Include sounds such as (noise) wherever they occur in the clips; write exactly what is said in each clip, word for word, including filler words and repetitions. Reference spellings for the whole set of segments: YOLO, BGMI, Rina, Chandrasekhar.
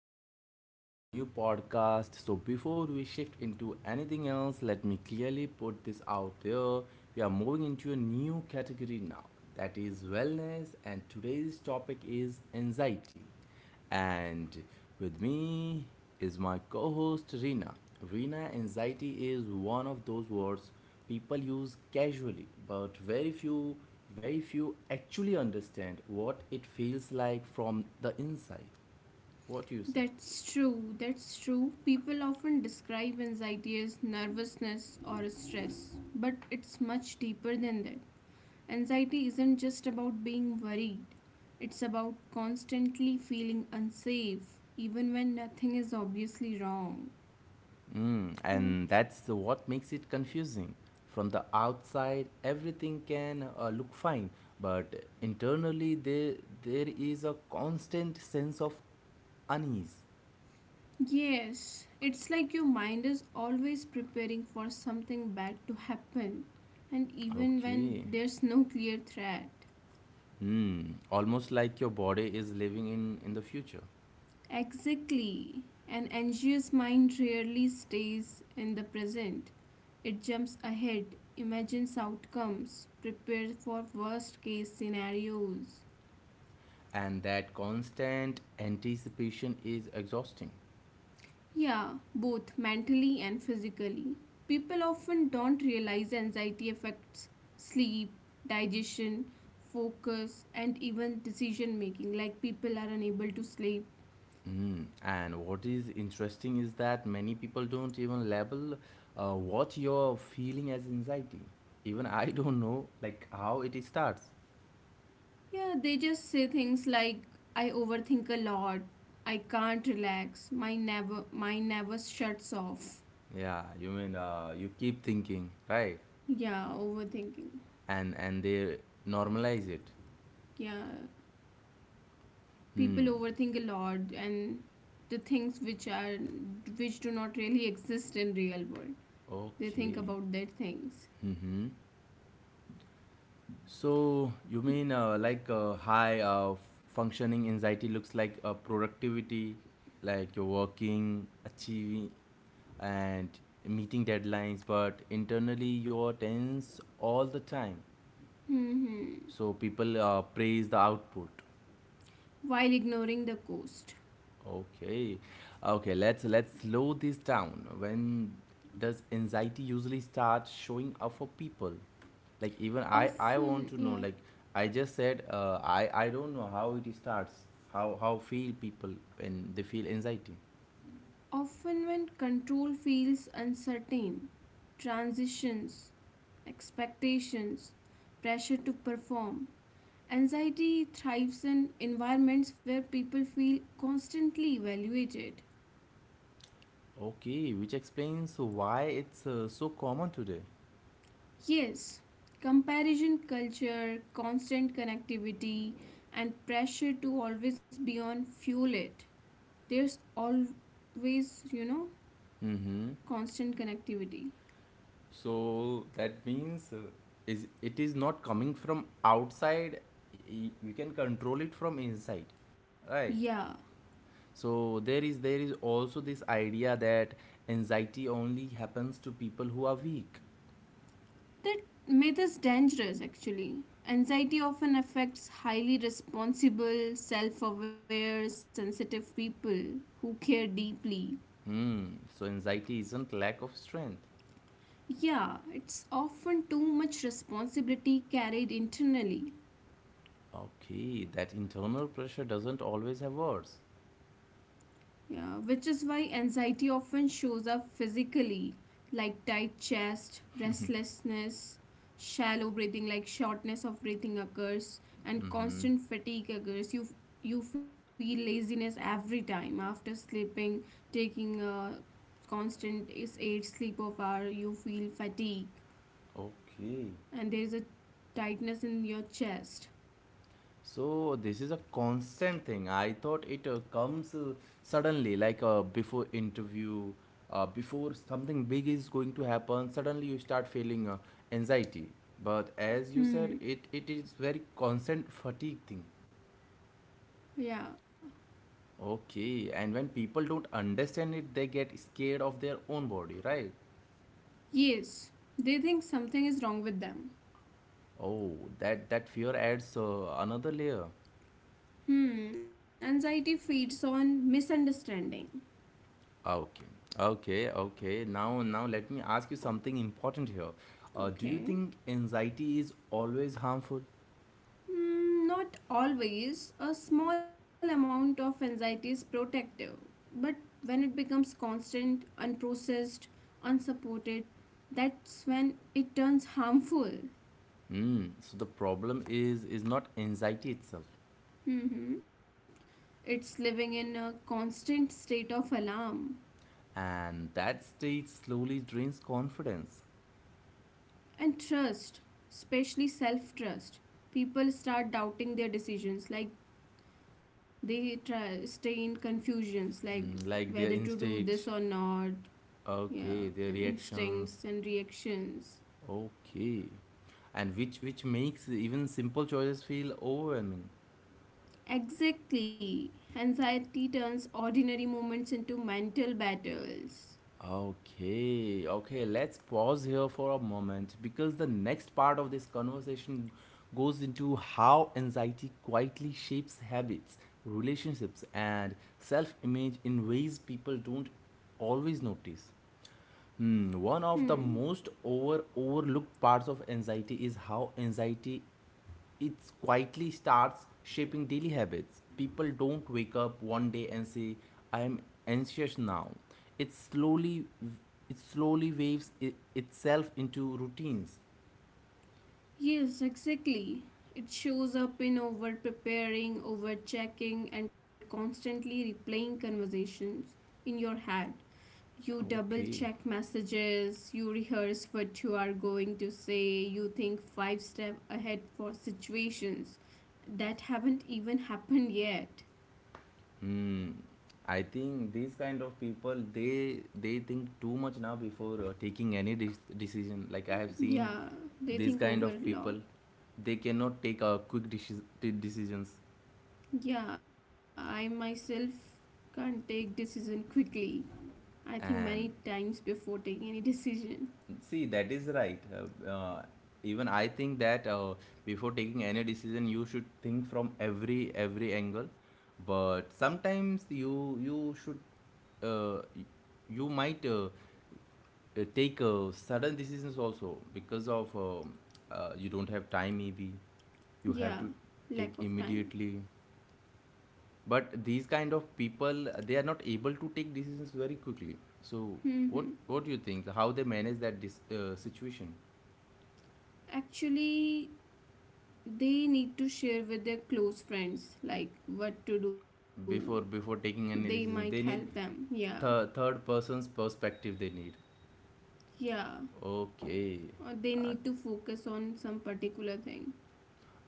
Welcome back to our new podcast. So, before we shift into anything else, let me clearly put this out there. We are moving into a new category now that is wellness, and today's topic is anxiety. And with me is my co host Rina. Rina, anxiety is one of those words people use casually, but very few, very few actually understand what it feels like from the inside. What do you say? That's true, that's true. People often describe anxiety as nervousness or stress, but it's much deeper than that. Anxiety isn't just about being worried, it's about constantly feeling unsafe, even when nothing is obviously wrong, Mm, right? and that's what makes it confusing. From the outside, everything can uh, look fine, but internally, there, there is a constant sense of unease. Yes, it's like your mind is always preparing for something bad to happen, and even when Okay. there's no clear threat. Hmm, almost like your body is living in, in the future. Exactly. An anxious mind rarely stays in the present. It jumps ahead, imagines outcomes, prepares for worst case scenarios. And that constant anticipation is exhausting. Yeah, both mentally and physically. People often don't realize anxiety affects sleep, digestion, focus, and even decision making. Like people are unable to sleep. Mm. And what is interesting is that many people don't even label uh, what you're feeling as anxiety. Even I don't know like how it starts. Yeah, they just say things like I overthink a lot, I can't relax, my never mind never shuts off. Yeah, you mean uh, you keep thinking, right? Yeah, overthinking. And and they normalize it. Yeah, people Hmm. overthink a lot and the things which are which do not really exist in real world. They think Okay. about their things. Mm-hmm. So you mean uh, like uh, high uh, functioning anxiety looks like uh, productivity, like you're working, achieving, and meeting deadlines, but internally you're tense all the time. Hmm. So people uh, praise the output. While ignoring the cost. Okay, okay. Let's let's slow this down. When does anxiety usually start showing up for people? Like even I, I want Often, to know. yeah, Like I just said, uh, I I don't know how it starts. How how feel people when they feel anxiety? often when control feels uncertain, transitions, expectations, pressure to perform. Anxiety thrives in environments where people feel constantly evaluated. Okay, which explains why it's uh, so common today. Yes, comparison culture, constant connectivity, and pressure to always be on fuel it. There's always, you know, Mm-hmm. constant connectivity. So that means uh, is it is not coming from outside. y- You can control it from inside, right? Yeah. So there is there is also this idea that anxiety only happens to people who are weak. That myth is dangerous actually. Anxiety often affects highly responsible, self aware, sensitive people who care deeply. Hmm. So anxiety isn't lack of strength. Yeah, it's often too much responsibility carried internally. Okay, that internal pressure doesn't always have words. Yeah, which is why anxiety often shows up physically, like tight chest, restlessness, shallow breathing, like shortness of breathing occurs, and Mm-hmm. constant fatigue occurs. You you feel laziness every time after sleeping, taking a constant is eight sleep of hour. You feel fatigue, Okay. and there is a tightness in your chest. So this is a constant thing. I thought it uh, comes uh, suddenly, like uh, before interview, uh, before something big is going to happen. Suddenly you start feeling uh, anxiety. But as you said, Hmm. it, it is very constant fatigue thing. Yeah. Okay, and when people don't understand it, they get scared of their own body, right? Yes, they think something is wrong with them. Oh, that that fear adds uh, another layer. Hmm, anxiety feeds on misunderstanding. Okay, okay, okay. Now, now let me ask you something important here. Uh, do you Okay. think anxiety is always harmful? Hmm, not always. A small amount of anxiety is protective, but when it becomes constant, unprocessed, unsupported, that's when it turns harmful. Hmm. So the problem is is not anxiety itself, Mm-hmm. It's living in a constant state of alarm and that state slowly drains confidence. and trust, especially self trust. People start doubting their decisions, like they try stay in confusions like Mm, like their whether to do instincts. this or not. Okay, Yeah, their reactions. instincts and reactions. Okay, and which which makes even simple choices feel overwhelming. Exactly, anxiety turns ordinary moments into mental battles. Okay, okay, let's pause here for a moment because the next part of this conversation goes into how anxiety quietly shapes habits, relationships, and self image in ways people don't always notice. Hmm, one of the Hmm. most over overlooked parts of anxiety is how anxiety it quietly starts shaping daily habits. People don't wake up one day and say, "I am anxious now." It slowly it slowly waves it, itself into routines. Yes, exactly, it shows up in over preparing, over checking, and constantly replaying conversations in your head. You double Okay. check messages, you rehearse what you are going to say, you think five step ahead for situations that haven't even happened yet. Hmm. I think these kind of people they they think too much now before uh, taking any de- decision. Like I have seen Yeah, they these think kind over of a lot. people, they cannot take a quick deci- de- decisions. Yeah, I myself can't take decision quickly. I think many And times before taking any decision. see, that is right. Uh, uh, even I think that uh, before taking any decision, you should think from every every angle. But sometimes you you should uh, y- you might uh, uh, take uh, sudden decisions also because of um uh, you don't have time maybe you have to Yeah, take lack of immediately, time. but these kind of people uh, they are not able to take decisions very quickly. So what Hmm. what do you think how they manage that dis- uh, situation? Actually, they need to share with their close friends like what to do, Before before they taking might any help decision they them, need yeah, th- third person's perspective they need. yeah. Okay. Or they need to focus on some particular thing.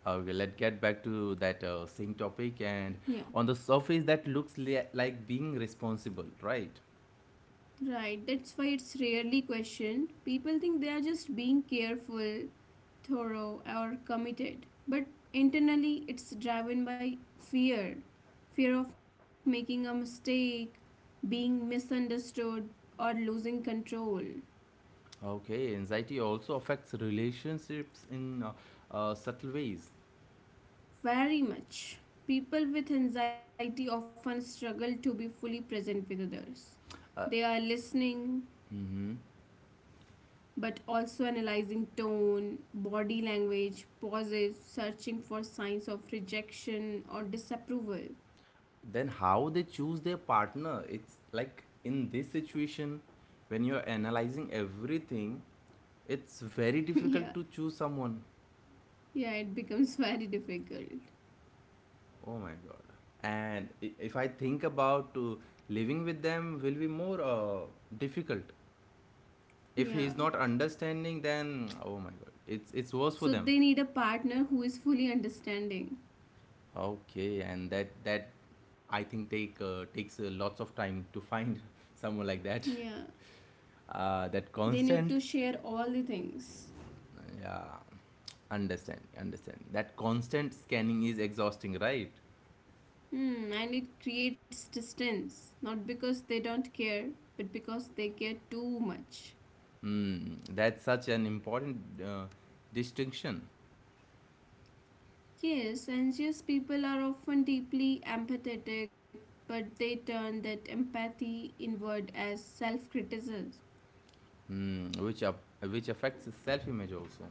Okay, let's get back to that uh, same topic. And Yeah, on the surface, that looks li- like being responsible, right? right, that's why it's rarely questioned. People think they are just being careful, thorough, or committed, but internally it's driven by fear, fear of making a mistake, being misunderstood, or losing control. Okay, anxiety also affects relationships in uh, uh, subtle ways. Very much. People with anxiety often struggle to be fully present with others. They are listening, Hmm. but also analyzing tone, body language, pauses, searching for signs of rejection or disapproval. Then, how they choose their partner, it's like in this situation, when you're analyzing everything, it's very (laughs) Yeah, difficult to choose someone. yeah, it becomes (laughs) very difficult. Oh my god. And i- if I think about uh, living with them, will be more uh, difficult if Yeah. he's not understanding, then oh my god, it's it's worse for So them. they need a partner who is fully understanding. Okay, and that that I think take uh, takes uh, lots of time to find (laughs) someone like that. Yeah. Uh, that They need constant, to share all the things. yeah. Understand, understand that constant scanning is exhausting, right? Hmm, and it creates distance, not because they don't care, but because they care too much. Mm, that's such an important uh, distinction. Yes, anxious people are often deeply empathetic, but they turn that empathy inward as self criticism. Mm, which up, which affects self image also.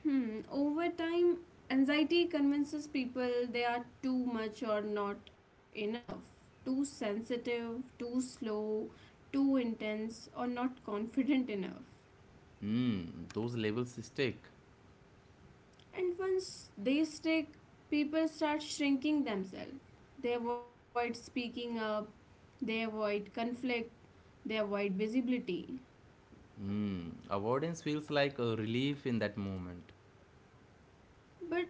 Hmm, over time, anxiety convinces people they are too much or not enough, too sensitive, too slow, too intense, or not confident enough. Mm, those labels stick. And once they stick, people start shrinking themselves. They avoid speaking up, they avoid conflict, they avoid visibility. Mm. Avoidance feels like a relief in that moment. But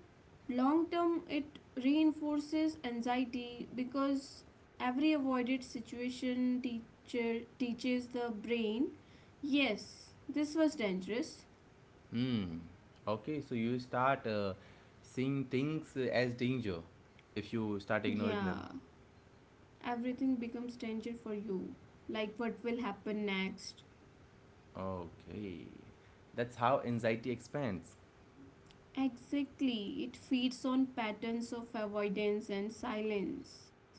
long term, it reinforces anxiety because every avoided situation teacher teaches the brain, yes, this was dangerous. Mm. Okay, so you start uh, seeing things uh, as danger if you start ignoring them. Yeah, everything becomes danger for you. Like what will happen next? Okay, that's how anxiety expands. Exactly. It feeds on patterns of avoidance and silence.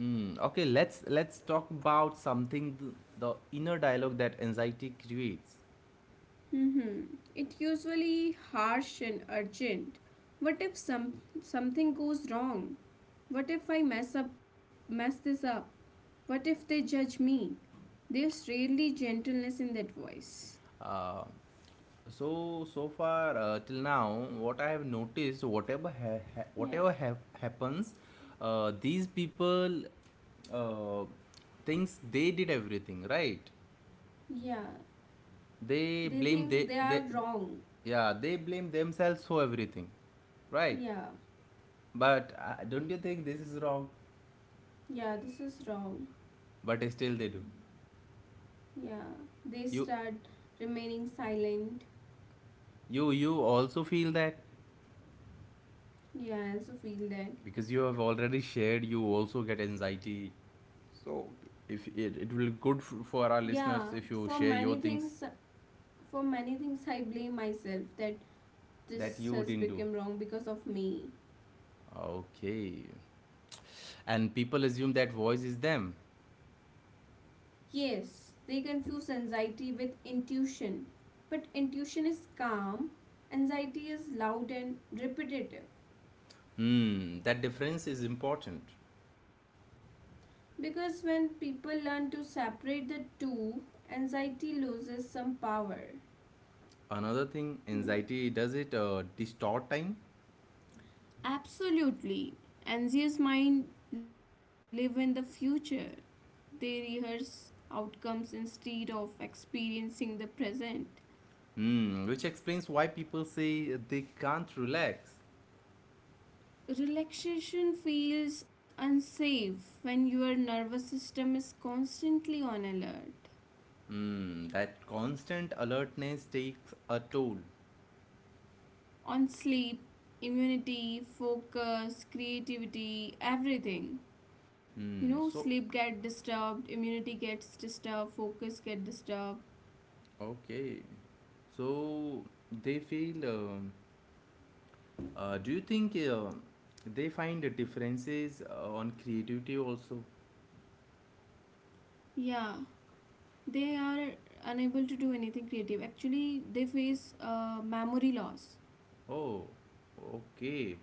Mm. Okay, let's let's talk about something th- the inner dialogue that anxiety creates. Mm-hmm. It usually harsh and urgent. What if some something goes wrong? What if I mess up mess this up? What if they judge me? There's rarely gentleness in that voice. Uh, So so far uh, till now, what I have noticed, whatever ha- ha- Yeah. whatever ha- happens, uh, these people uh, thinks they did everything right. Yeah. They They blame think they they are they, wrong. yeah, they blame themselves for everything, right? Yeah. But uh, don't you think this is wrong? Yeah, this is wrong. But still they do. Yeah. They You start remaining silent. you you also feel that Yeah, I also feel that. because you have already shared. You also get anxiety. If it, it will good for our listeners Yeah, if you for share your many things things, for many things, I blame myself that that you this didn't has do. become wrong because of me. Okay, and people assume that voice is them. Yes, they confuse anxiety with intuition, but intuition is calm, anxiety is loud and repetitive. Hmm, that difference is important. Because when people learn to separate the two, anxiety loses some power. Another thing Hmm. anxiety does, it uh, distort time. Absolutely. Anxious mind live in the future. They rehearse outcomes instead of experiencing the present. Hmm, which explains why people say they can't relax. Relaxation feels unsafe when your nervous system is constantly on alert. Hmm, that constant alertness takes a toll. On sleep, immunity, focus, creativity, everything. You Hmm, know, so sleep get disturbed, immunity gets disturbed, focus get disturbed. okay, so they feel um, Uh, do you think uh, they find differences uh, on creativity also? Yeah. They are unable to do anything creative, actually they face uh, memory loss Oh, okay.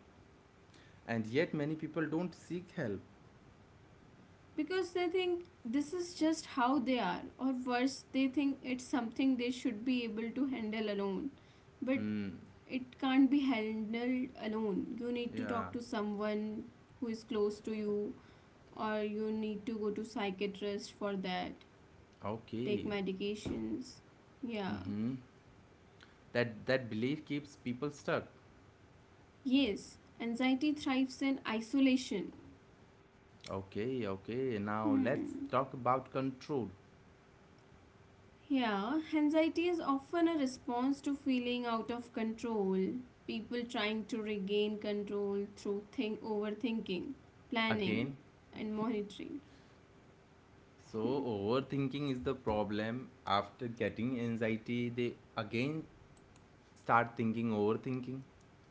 And yet many people don't seek help. because they think this is just how they are, or worse they think it's something they should be able to handle alone. But Hmm. it can't be handled alone, you need to Yeah. talk to someone who is close to you, or you need to go to psychiatrist for that, take Okay. medications. Yeah. Mm-hmm. That that belief keeps people stuck. Yes, anxiety thrives in isolation. Okay. Okay. Now let's Hmm. talk about control Yeah, anxiety is often a response to feeling out of control, people trying to regain control through think overthinking, planning, again. and monitoring. So overthinking is the problem. After getting anxiety, they again start thinking overthinking.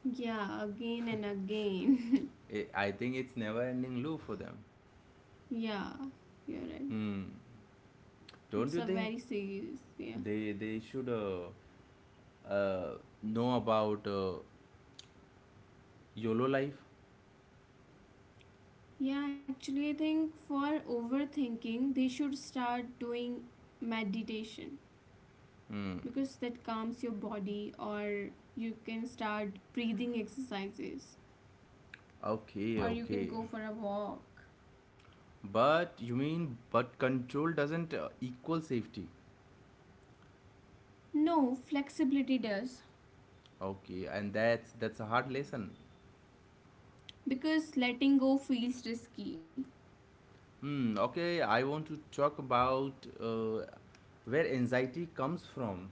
Yeah, again and again. I I think it's never ending loop for them. (laughs) Yeah, you're right. Hmm. It's Don't a you very think serious, yeah. they they should uh, uh, know about uh, YOLO life? Yeah, actually I think for overthinking they should start doing meditation because that calms your body, or you can start breathing exercises, Okay, or you okay. can go for a walk. But you mean, but control doesn't uh, equal safety. No, flexibility does, Okay, and that's that's a hard lesson. because letting go feels risky. Hmm. Okay, I want to talk about uh, where anxiety comes from.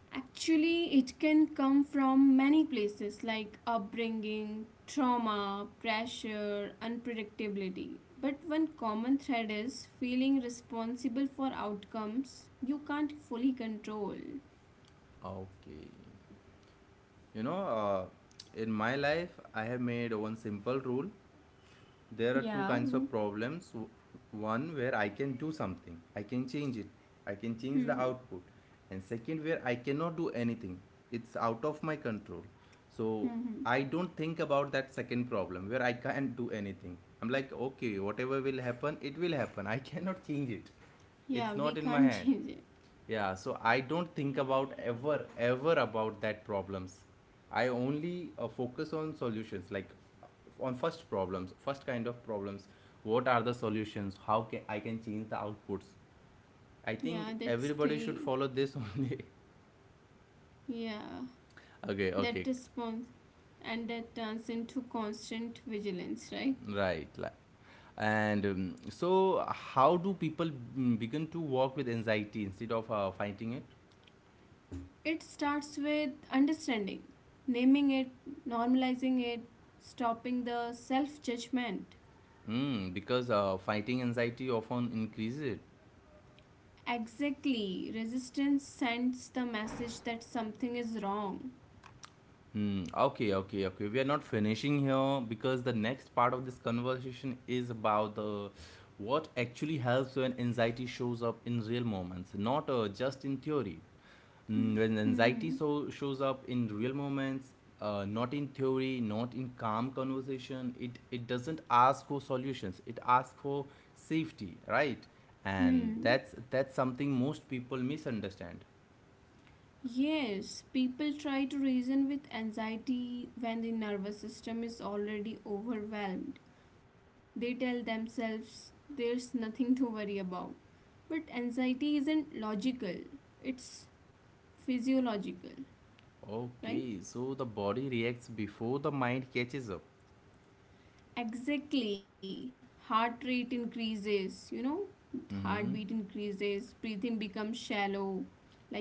Actually, it can come from many places like upbringing, trauma, pressure, unpredictability. But one common thread is feeling responsible for outcomes you can't fully control. Okay. You know, uh, in my life, I have made one simple rule. There are two Yeah, kinds of w- problems: one where I can do something, I can change it, I can change the (laughs) output, and second where I cannot do anything, it's out of my control. So hmm. I don't think about that second problem where I can't do anything. I'm like, okay, whatever will happen it will happen, I (laughs) cannot change it. Yeah, It's we not in my can't (laughs) hand. change it. Yeah, so I don't think about ever, ever about that problems. I only uh, focus on solutions, like on first problems, first kind of problems. What are the solutions? How can I can change the outputs? I think Yeah, that's everybody should great. follow this (laughs) only. Yeah. Okay, That okay, response, and that turns into constant vigilance, right? right. Like, and um, so, how do people mm, begin to work with anxiety instead of uh, fighting it? It starts with understanding, naming it, normalizing it, stopping the self judgment. Hmm, because uh, fighting anxiety often increases it. Exactly, resistance sends the message that something is wrong. Hmm. Okay, okay, okay. We are not finishing here because the next part of this conversation is about the what actually helps when anxiety shows up in real moments, not uh, just in theory. Mm, when anxiety Hmm. so shows up in real moments, uh, not in theory, not in calm conversation, it it doesn't ask for solutions. It asks for safety, right? And Hmm. that's that's something most people misunderstand. Yes, people try to reason with anxiety when the nervous system is already overwhelmed. They tell themselves there's nothing to worry about. But anxiety isn't logical, it's physiological, right? Okay, so the body reacts before the mind catches up. Exactly. Heart rate increases, you know, Mm-hmm. heartbeat increases, breathing becomes shallow,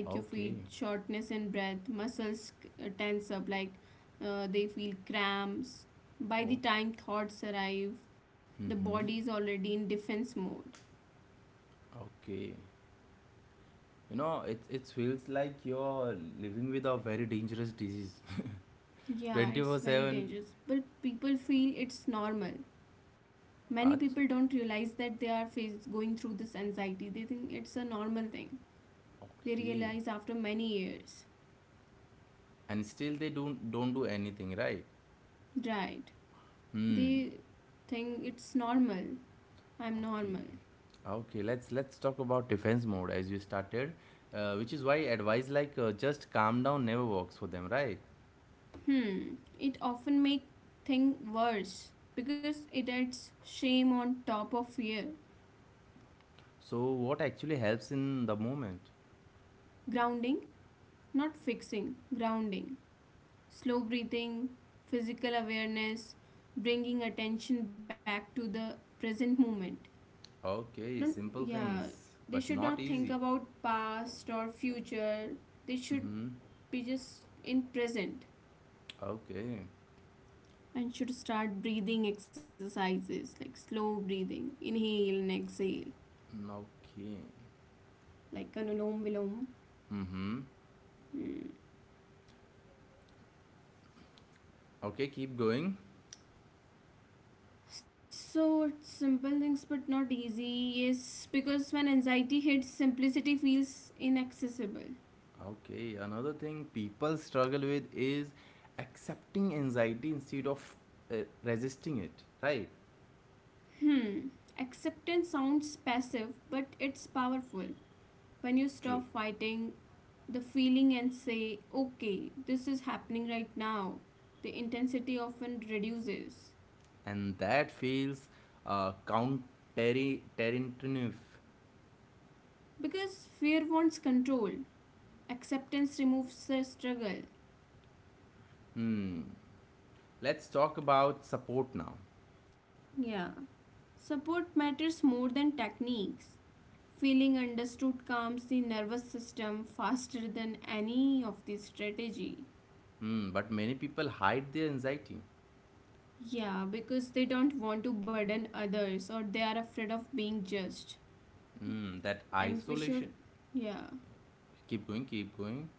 like you Okay. feel shortness in breath, muscles uh, tense up, like uh, they feel cramps. Oh. By the time thoughts arrive, the Mm-hmm. body is already in defense mode. Okay. You know, it it feels like you're living with a very dangerous disease, (laughs) Yeah, twenty it's four very seven. dangerous. But people feel it's normal. Many people Ach- don't realize that they are face- going through this anxiety. They think it's a normal thing. They Okay. realize after many years. And still they don't don't do anything, right? Right. Hmm. They think it's normal. I'm Okay. normal. Okay. Let's let's talk about defense mode as you started, uh, which is why advice like uh, just calm down never works for them, right? Hmm. It often make thing worse because it adds shame on top of fear. So what actually helps in the moment? Grounding, not fixing. Grounding. Slow breathing, physical awareness, bringing attention back to the present moment. Okay, Don't, simple yeah. things, They but should not not think easy. about past or future. They should Mm-hmm. be just in present. Okay. And should start breathing exercises like slow breathing, inhale and exhale, Mm, okay. like anulom vilom. Mm-hmm. Hmm. Okay, keep going. So it's simple things but not easy. Yes, because when anxiety hits, simplicity feels inaccessible. Okay, another thing people struggle with is accepting anxiety instead of uh, resisting it. Right? Hmm. Acceptance sounds passive, but it's powerful. When you True. stop fighting the feeling and say, okay, this is happening right now, the intensity often reduces. And that feels uh, counterintuitive. Because fear wants control, Acceptance removes the struggle. Hmm. Let's talk about support now. Yeah. Support matters more than techniques. Feeling understood calms the nervous system faster than any of the strategy. Hmm. But many people hide their anxiety. Yeah, because they don't want to burden others, or they are afraid of being judged. Hmm. That And we should, isolation. yeah, Keep going, keep going.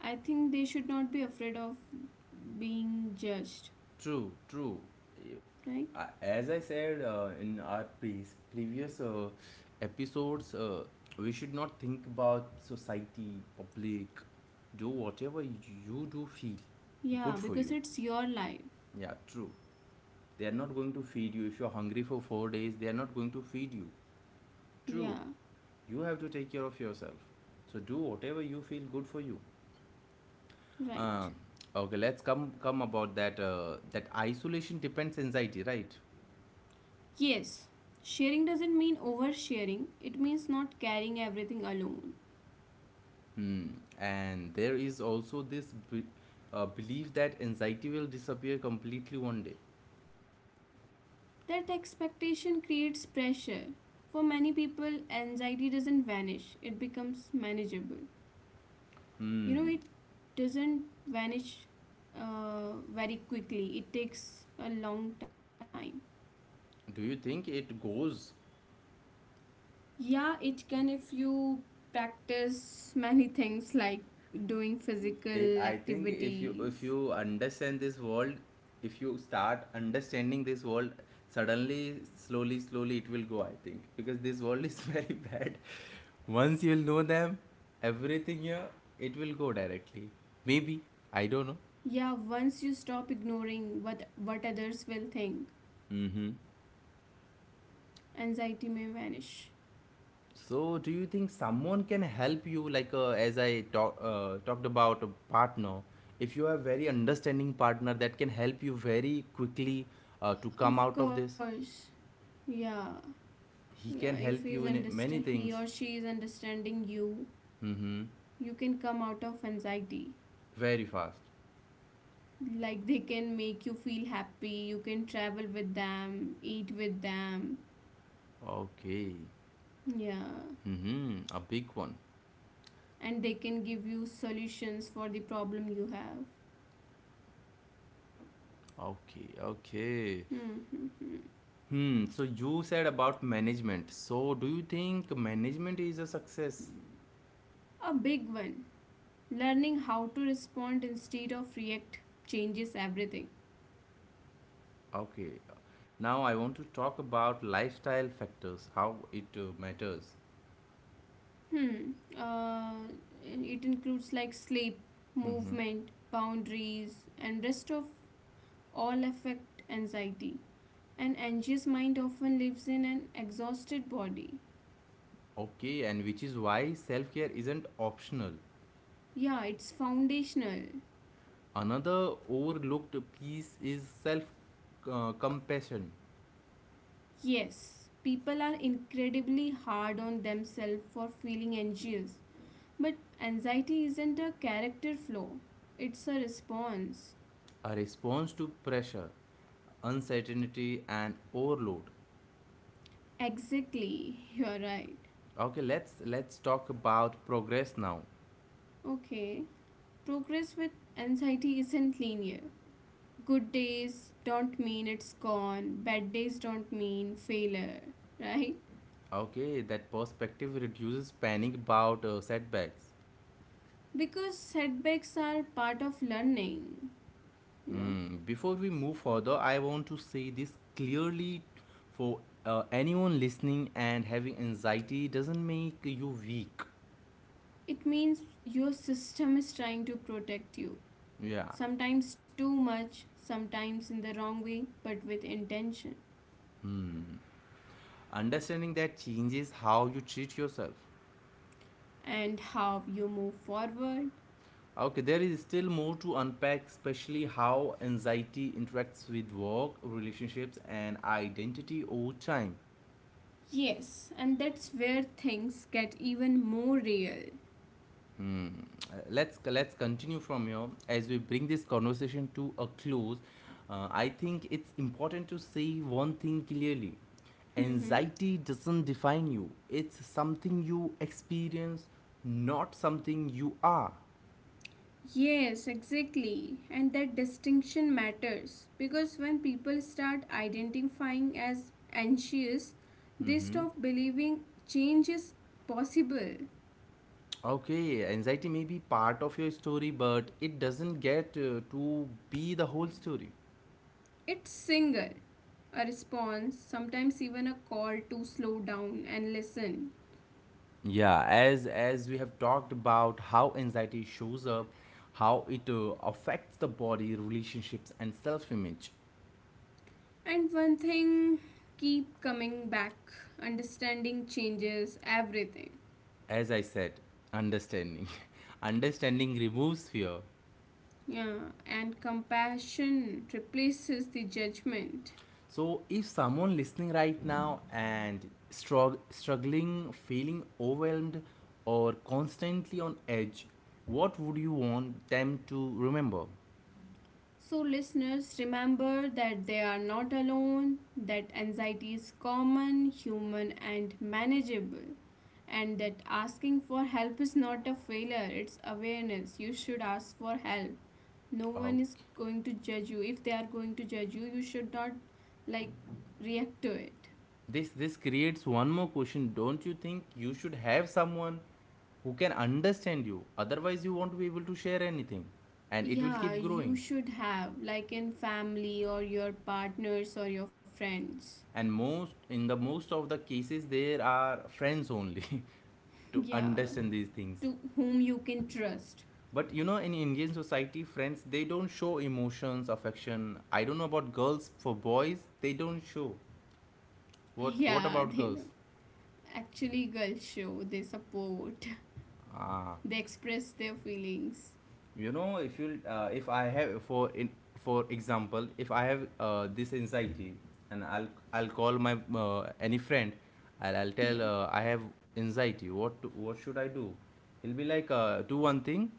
I think they should not be afraid of being judged, True, true. You, right? I, as I said uh, in our pre- previous uh, episodes, uh, we should not think about society, public. Do whatever you do feel Yeah, good for because you. it's your life. Yeah, true. They are not going to feed you. If you're hungry for four days, they are not going to feed you. Yeah, True. You have to take care of yourself. So do whatever you feel good for you. Um, right. okay, let's come come about that uh, that isolation depends anxiety, right? Yes, sharing doesn't mean oversharing, it means not carrying everything alone. Hmm. And there is also this b- uh, belief that anxiety will disappear completely one day. That expectation creates pressure. For many people, anxiety doesn't vanish, it becomes manageable. You Hmm. know, it doesn't vanish uh, very quickly, it takes a long time. Do you think it goes? Yeah, it can if you practice many things like doing I physical I think if you if activities. you understand this world, if you start understanding this world, suddenly, slowly, slowly, it will go. I think because this world is (laughs) very bad. Once you'll know them, everything here, it will go directly. Maybe I don't know. Yeah, once you stop ignoring what, what others will think, Mm-hmm. anxiety may vanish. So, do you think someone can help you, like uh, as I talk, uh, talked about a partner? If you have very understanding partner that can help you very quickly uh, to come Of out of this, course, yeah, he yeah. can If help he's you in many understand, he things. or she is understanding you, Mm-hmm. you can come out of anxiety. Very fast. Like they can make you feel happy. You can travel with them, eat with them. Okay. Yeah, Mm-hmm. A big one. and they can give you solutions for the problem you have. Okay, okay. Hmm, hmm, hmm. Hmm. So you said about management. So do you think management is a success? A big one. Learning how to respond instead of react changes everything. Okay. Now I want to talk about lifestyle factors, how it uh, matters. Hmm. Uh, it includes like sleep, movement, boundaries, and rest of all affect anxiety. An anxious mind often lives in an exhausted body. Okay, and which is why self care isn't optional. Yeah, it's foundational. Another overlooked piece is self uh, compassion, Yes, people are incredibly hard on themselves for feeling anxious, but anxiety isn't a character flaw, it's a response. a response to pressure, uncertainty, and overload. Exactly, you're right. Okay, let's let's talk about progress now. Okay. Progress with anxiety isn't linear. Good days don't mean it's gone, bad days don't mean failure, right? Okay, that perspective reduces panic about uh, setbacks. Because setbacks are part of learning, you know. Hmm. Before we move further, I want to say this clearly for uh, anyone listening, and having anxiety doesn't make you weak. It means your system is trying to protect you. Yeah, Sometimes too much, sometimes in the wrong way, but with intention. understanding that changes how you treat yourself. And how you move forward. Okay, there is still more to unpack, especially how anxiety interacts with work, relationships, and identity over time. Yes, and that's where things get even more real. Hmm. Uh, Let's let's continue from here as we bring this conversation to a close. Uh, I think it's important to say one thing clearly: Hmm. anxiety doesn't define you. It's something you experience, not something you are. Yes, exactly. And that distinction matters because when people start identifying as anxious, they stop believing change is possible. Okay, anxiety may be part of your story, but it doesn't get uh, to be the whole story. It's single, a response, sometimes even a call to slow down and listen. Yeah, as as we have talked about how anxiety shows up, how it uh, affects the body, relationships, and self-image. And one thing keep coming back, understanding changes everything. As I said, understanding, (laughs) understanding removes fear. Yeah, and compassion replaces the judgment. So if someone listening right now and strugg- struggling, feeling overwhelmed, or constantly on edge, what would you want them to remember? So, listeners, remember that they are not alone, that anxiety is common, human, and manageable, and that asking for help is not a failure, it's awareness. You should ask for help. No Uh, one is going to judge you. If they are going to judge you, you should not like react to it. this this creates one more question. Don't you think you should have someone who can understand you? Otherwise you won't be able to share anything and it will Yeah, keep you growing. should have, like in family or your partners or your friends. And most in the most of the cases there are friends only (laughs) to Yeah, understand these things. to whom you can trust. But you know, in Indian society, friends, they don't show emotions, affection. I don't know about girls, for boys they don't show. (laughs) What what Yeah, about they don't. girls? Actually, girls show, they support, Ah, (laughs) they express their feelings. you know, if you uh, if I have for in for example if I have uh, this anxiety, and i'll i'll call my uh, any friend. i'll, I'll Yeah. tell, uh, I have anxiety. What to, what should I do? He'll be like, uh, do one thing,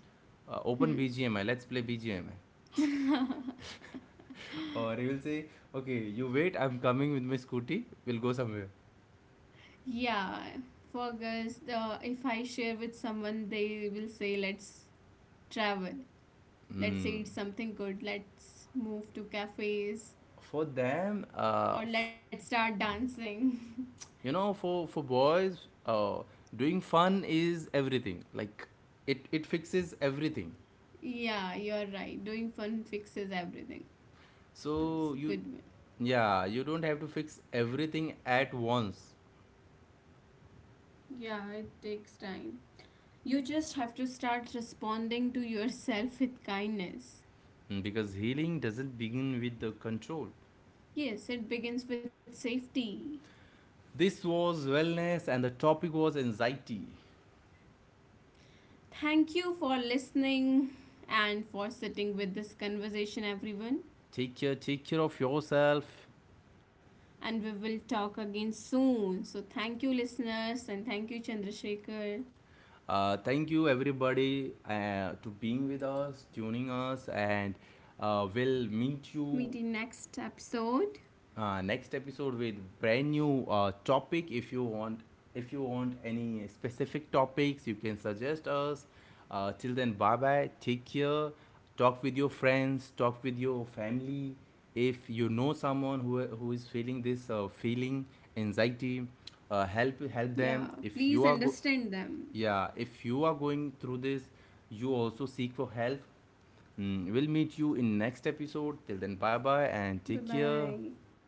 uh, open Hmm. bgmi, let's play bgmi. (laughs) Or he will say, okay, you wait, I'm coming with my scooty, we'll go somewhere. Yeah, for girls, the, if I share with someone, they will say, let's travel, let's Mm. eat something good, let's move to cafes, For them uh, or let's start dancing. (laughs) you know, for for boys, uh, doing fun is everything, like it it fixes everything. Yeah, you're right. Doing fun fixes everything. It's So you, good. One. yeah, you don't have to fix everything at once. Yeah, it takes time. You just have to start responding to yourself with kindness. Mm, because healing doesn't begin with the control. Yes, it begins with safety. This was wellness and the topic was anxiety. Thank you for listening and for sitting with this conversation, everyone. Take care, take care of yourself And we will talk again soon. So, thank you, listeners, and thank you, Chandrasekhar. uh, Thank you everybody, uh, to being with us, tuning us, and uh, we'll meet you Meet in next episode. uh, next episode with brand new uh, topic. If you want, if you want any specific topics, you can suggest us. Uh, till then, bye bye, take care. Talk with your friends, talk with your family. If you know someone who, who is feeling this uh, feeling anxiety, uh, help help Yeah, them. If you please are go- understand them. yeah, if you are going through this, you also seek for help. Mm, we'll meet you in next episode. Till then, bye bye and take Bye care. bye.